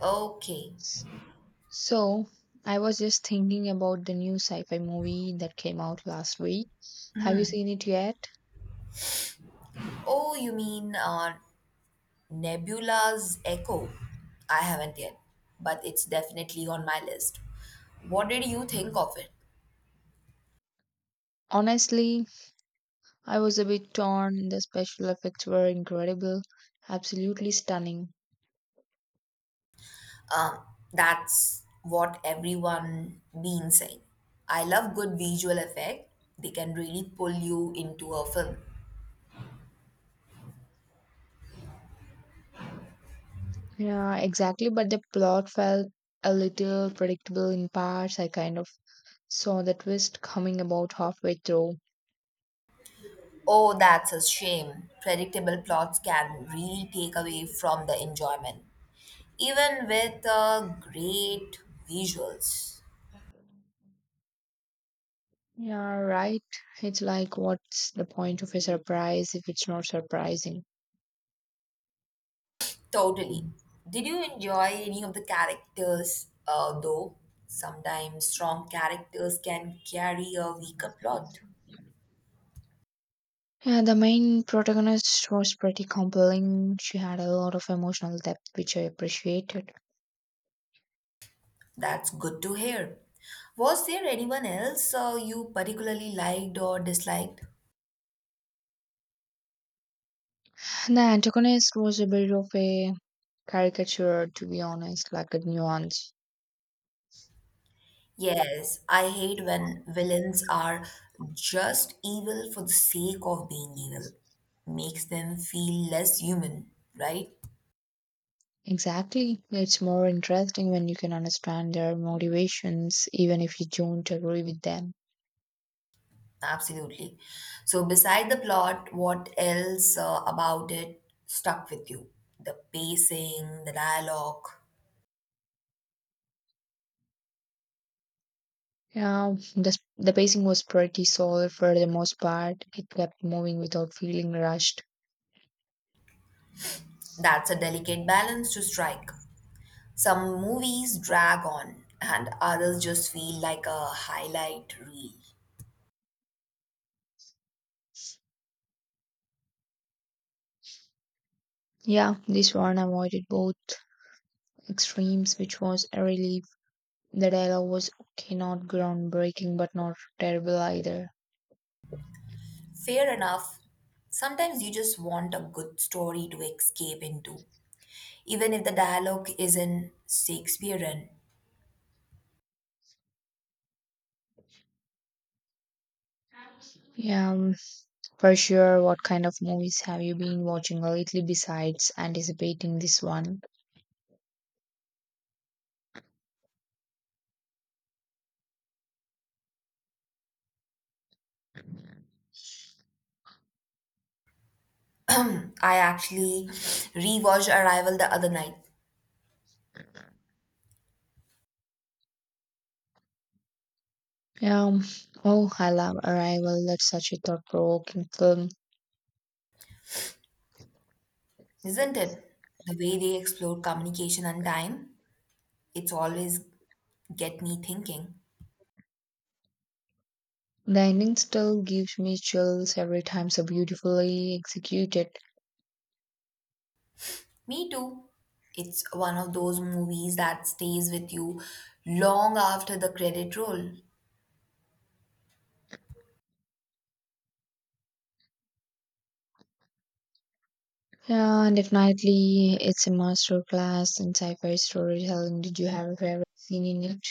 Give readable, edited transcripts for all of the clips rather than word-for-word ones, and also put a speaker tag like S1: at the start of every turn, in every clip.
S1: Okay.
S2: S- So, I was just thinking about the new sci fi movie that came out last week. Have you seen it yet?
S1: Oh, you mean Nebula's Echo? I haven't yet, but it's definitely on my list. What did you think of it?
S2: Honestly, I was a bit torn. The special effects were incredible, absolutely stunning.
S1: Um, that's what everyone been saying. I love good visual effect. They can really pull you into a film.
S2: Yeah, exactly, but the plot felt a little predictable in parts. I kind of saw the twist coming about halfway through.
S1: Oh, that's a shame. Predictable plots can really take away from the enjoyment, even with great visuals.
S2: Yeah, right. It's like, what's the point of a surprise if it's not surprising?
S1: Totally. Did you enjoy any of the characters, though? Sometimes strong characters can carry a weaker plot.
S2: Yeah, the main protagonist was pretty compelling. She had a lot of emotional depth, which I appreciated.
S1: That's good to hear. Was there anyone else you particularly liked or disliked?
S2: The antagonist was a bit of a caricature, to be honest, like a nuance.
S1: Yes, I hate when villains are just evil for the sake of being evil. Makes them feel less human, right?
S2: Exactly. It's more interesting when you can understand their motivations, even if you don't agree with them.
S1: Absolutely. So, beside the plot, what else about it stuck with you? The pacing, the dialogue.
S2: Yeah, the pacing was pretty solid for the most part. It kept moving without feeling rushed.
S1: That's a delicate balance to strike. Some movies drag on, and others just feel like a highlight reel.
S2: Yeah, this one avoided both extremes, which was a relief. The dialogue was okay, not groundbreaking, but not terrible either.
S1: Fair enough. Sometimes you just want a good story to escape into, even if the dialogue isn't Shakespearean.
S2: Yeah, for sure. What kind of movies have you been watching lately besides anticipating this one?
S1: I actually rewatched Arrival the other night.
S2: Yeah, oh, I love Arrival. That's such a thought provoking film.
S1: Isn't it? The way they explore communication and time, it's always get me thinking.
S2: The ending still gives me chills every time, so beautifully executed.
S1: Me too. It's one of those movies that stays with you long after the credit roll.
S2: Yeah, and definitely, it's a masterclass in sci fi storytelling. Did you have a favorite scene in it?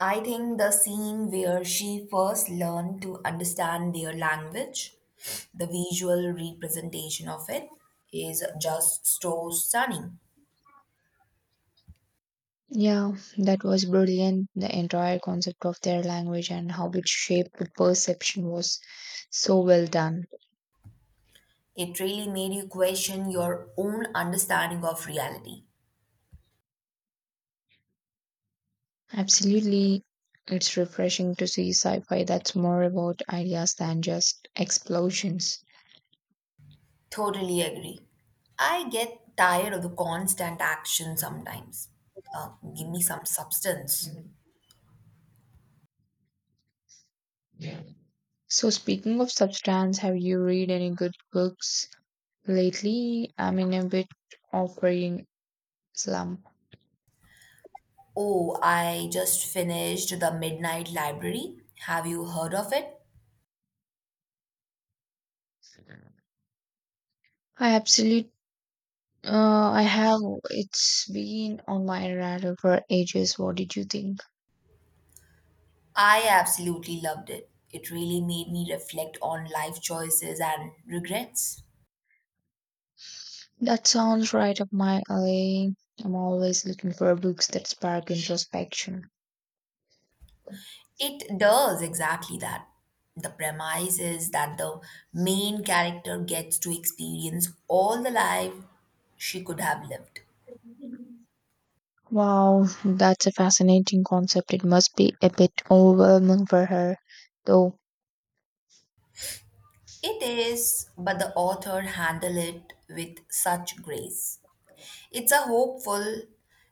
S1: I think the scene where she first learned to understand their language, the visual representation of it, is just so stunning.
S2: Yeah, that was brilliant. The entire concept of their language and how it shaped the perception was so well done.
S1: It really made you question your own understanding of reality.
S2: Absolutely, it's refreshing to see sci fi that's more about ideas than just explosions.
S1: Totally agree. I get tired of the constant action sometimes. Give me some substance.
S2: So, speaking of substance, have you read any good books lately? I'm in a bit of reading slump.
S1: Oh, I just finished The Midnight Library. Have you heard of it?
S2: I absolutely, I have. It's been on my radar for ages. What did you think?
S1: I absolutely loved it. It really made me reflect on life choices and regrets.
S2: That sounds right up my alley. I'm always looking for books that spark introspection.
S1: It does exactly that. The premise is that the main character gets to experience all the life she could have lived.
S2: Wow, that's a fascinating concept. It must be a bit overwhelming for her, though.
S1: It is, but the author handled it with such grace. It's a hopeful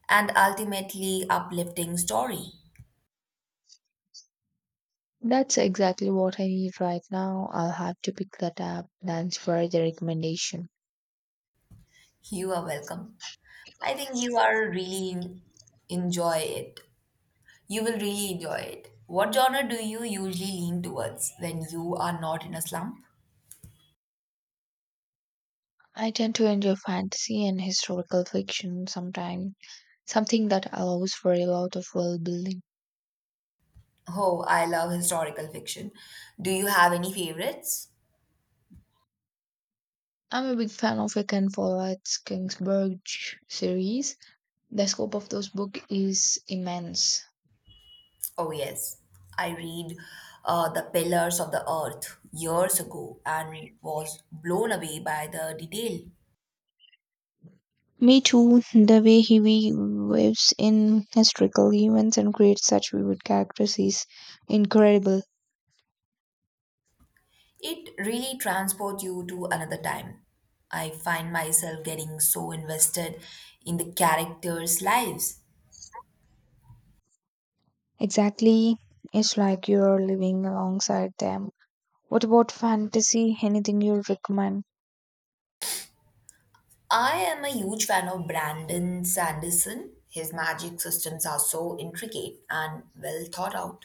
S1: and ultimately uplifting story.
S2: That's exactly what I need right now. I'll have to pick that up. Thanks for the recommendation.
S1: You are welcome. I think you are really enjoy it. You will really enjoy it. What genre do you usually lean towards when you are not in a slump?
S2: I tend to enjoy fantasy and historical fiction sometimes, something that allows for a lot of world building.
S1: Oh, I love historical fiction. Do you have any favorites?
S2: I'm a big fan of Ken Follett's Kingsburg series. The scope of those book is immense.
S1: Oh, yes. I read The Pillars of the Earth years ago and was blown away by the detail.
S2: Me too, the way he weaves in historical events and creates such vivid characters is incredible.
S1: It really transports you to another time. I find myself getting so invested in the characters' lives.
S2: Exactly, it's like you're living alongside them. What about fantasy? Anything you recommend?
S1: I am a huge fan of Brandon Sanderson. His magic systems are so intricate and well thought out.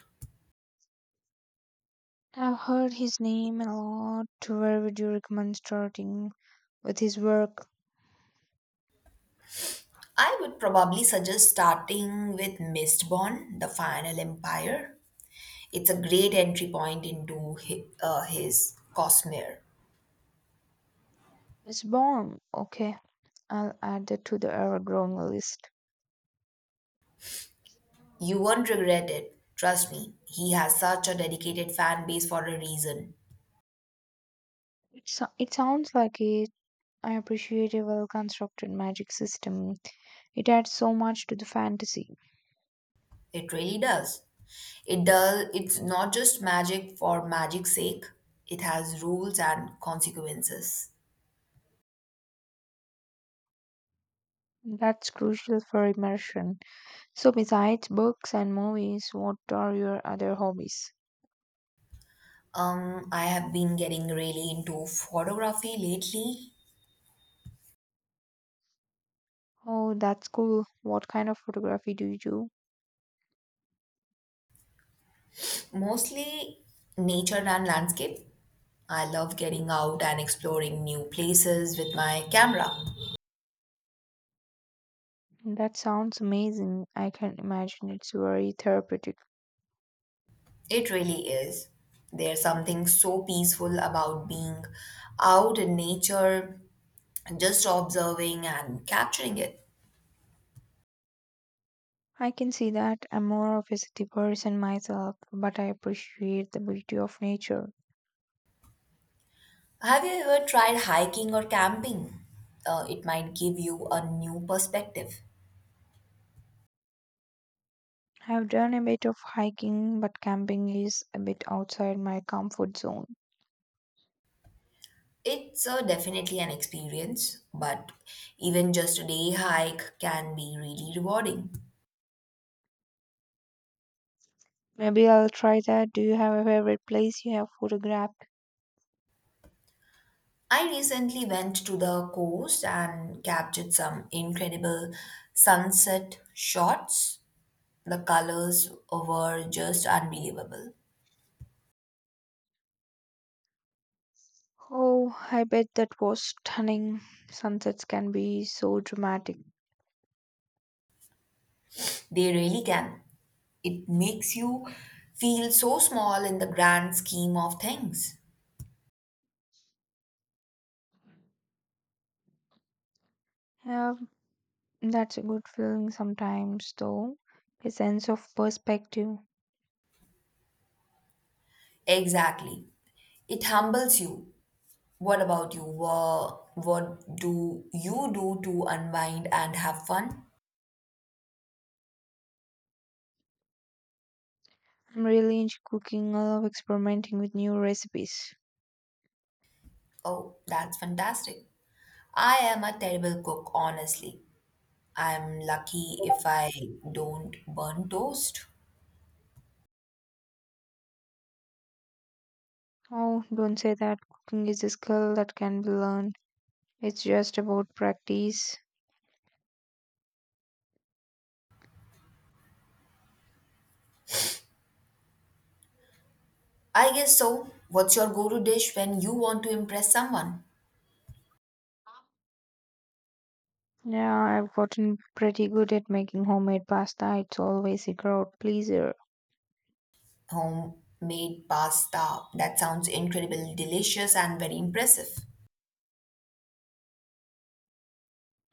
S2: I've heard his name a lot. Where would you recommend starting with his work?
S1: I would probably suggest starting with Mistborn, The Final Empire. It's a great entry point into his Cosmere.
S2: It's born. Okay, I'll add that to the ever growing list.
S1: You won't regret it. Trust me, he has such a dedicated fan base for a reason.
S2: It, so- it sounds like a I appreciate a well constructed magic system. It adds so much to the fantasy.
S1: It really does. It does. It's not just magic for magic's sake. It has rules and consequences.
S2: That's crucial for immersion. So, besides books and movies, what are your other hobbies?
S1: I have been getting really into photography lately,
S2: Oh, that's cool. What kind of photography do you do?
S1: mostly nature and landscape. I love getting out and exploring new places with my camera.
S2: That sounds amazing. I can imagine it's very therapeutic.
S1: It really is. There's something so peaceful about being out in nature, just observing and capturing it.
S2: I can see that I'm more of a city person myself, but I appreciate the beauty of nature.
S1: Have you ever tried hiking or camping? It might give you a new perspective.
S2: I've done a bit of hiking, but camping is a bit outside my comfort zone.
S1: It's definitely an experience, but even just a day hike can be really rewarding.
S2: Maybe I'll try that. Do you have a favorite place you have photographed?
S1: I recently went to the coast and captured some incredible sunset shots. The colors were just unbelievable.
S2: Oh, I bet that was stunning. Sunsets can be so dramatic.
S1: They really can. It makes you feel so small in the grand scheme of things.
S2: Yeah, that's a good feeling sometimes, though. A sense of perspective.
S1: Exactly. It humbles you. What about you? What do you do to unwind and have fun?
S2: I'm really into cooking. I love experimenting with new recipes.
S1: Oh, that's fantastic. I am a terrible cook, honestly. I'm lucky if I don't burn toast.
S2: Oh, don't say that. Cooking is a skill that can be learned. It's just about practice.
S1: I guess so. What's your go to dish when you want to impress someone?
S2: Yeah, I've gotten pretty good at making homemade pasta. It's always a crowd pleaser.
S1: Homemade pasta. That sounds incredibly delicious and very impressive.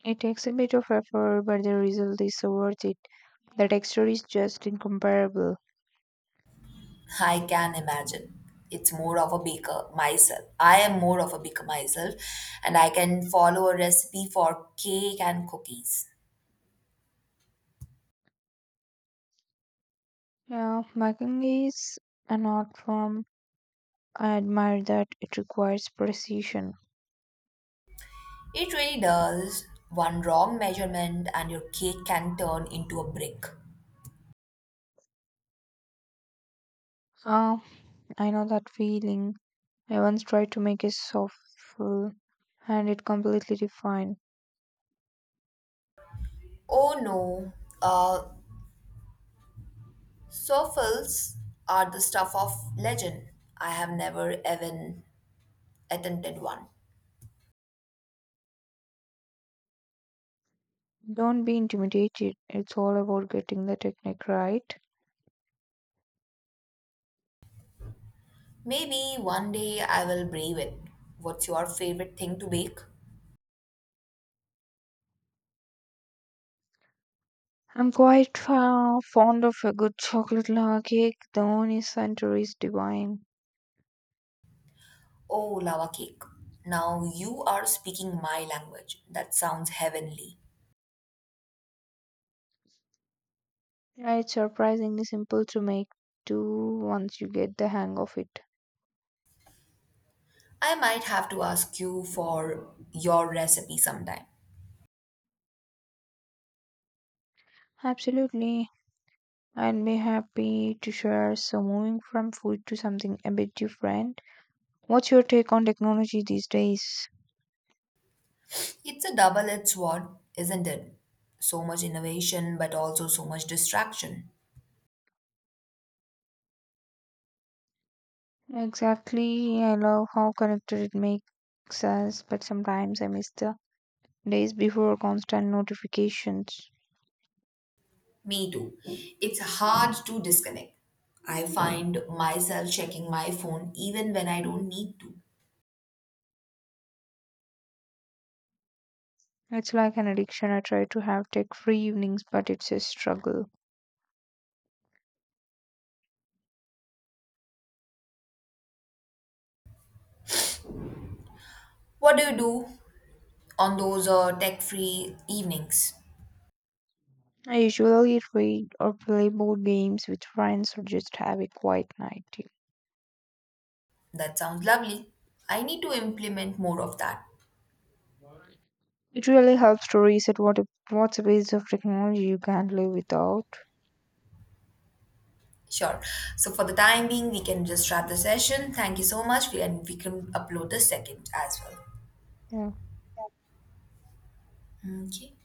S2: It takes a bit of effort, but the result is so worth it. The texture is just incomparable.
S1: I can imagine. It's more of a baker myself. I am more of a baker myself, and I can follow a recipe for cake and cookies.
S2: Yeah, making is an art form. I admire that it requires precision.
S1: It really does. One wrong measurement, and your cake can turn into a brick.
S2: Ah, I know that feeling. I once tried to make a soft full and it completely defined.
S1: Oh no, uh, souffles are the stuff of legend. I have never even attempted one.
S2: Don't be intimidated. It's all about getting the technique right.
S1: Maybe one day I will brave it. What's your favorite thing to bake?
S2: I'm quite fond of a good chocolate lava cake. The only center is divine.
S1: Oh, lava cake. Now you are speaking my language. That sounds heavenly.
S2: Yeah, it's surprisingly simple to make too once you get the hang of it.
S1: I might have to ask you for your recipe sometime.
S2: Absolutely. I'd be happy to share. So, moving from food to something a bit different, what's your take on technology these days?
S1: It's a double edged sword, isn't it? So much innovation, but also so much distraction.
S2: Exactly. I love how connected it makes us, but sometimes I miss the days before constant notifications.
S1: Me too. It's hard to disconnect. I find myself checking my phone even when I don't need to.
S2: It's like an addiction. I try to have tech free evenings, but it's a struggle.
S1: What do you do on those tech free evenings.
S2: I usually read or play board games with friends or just have a quiet night.
S1: That sounds lovely. I need to implement more of that.
S2: It really helps to reset what's a piece of technology you can't live without.
S1: Sure. So for the time being, we can just wrap the session. Thank you so much. We can upload the second as well.
S2: Yeah.
S1: Okay.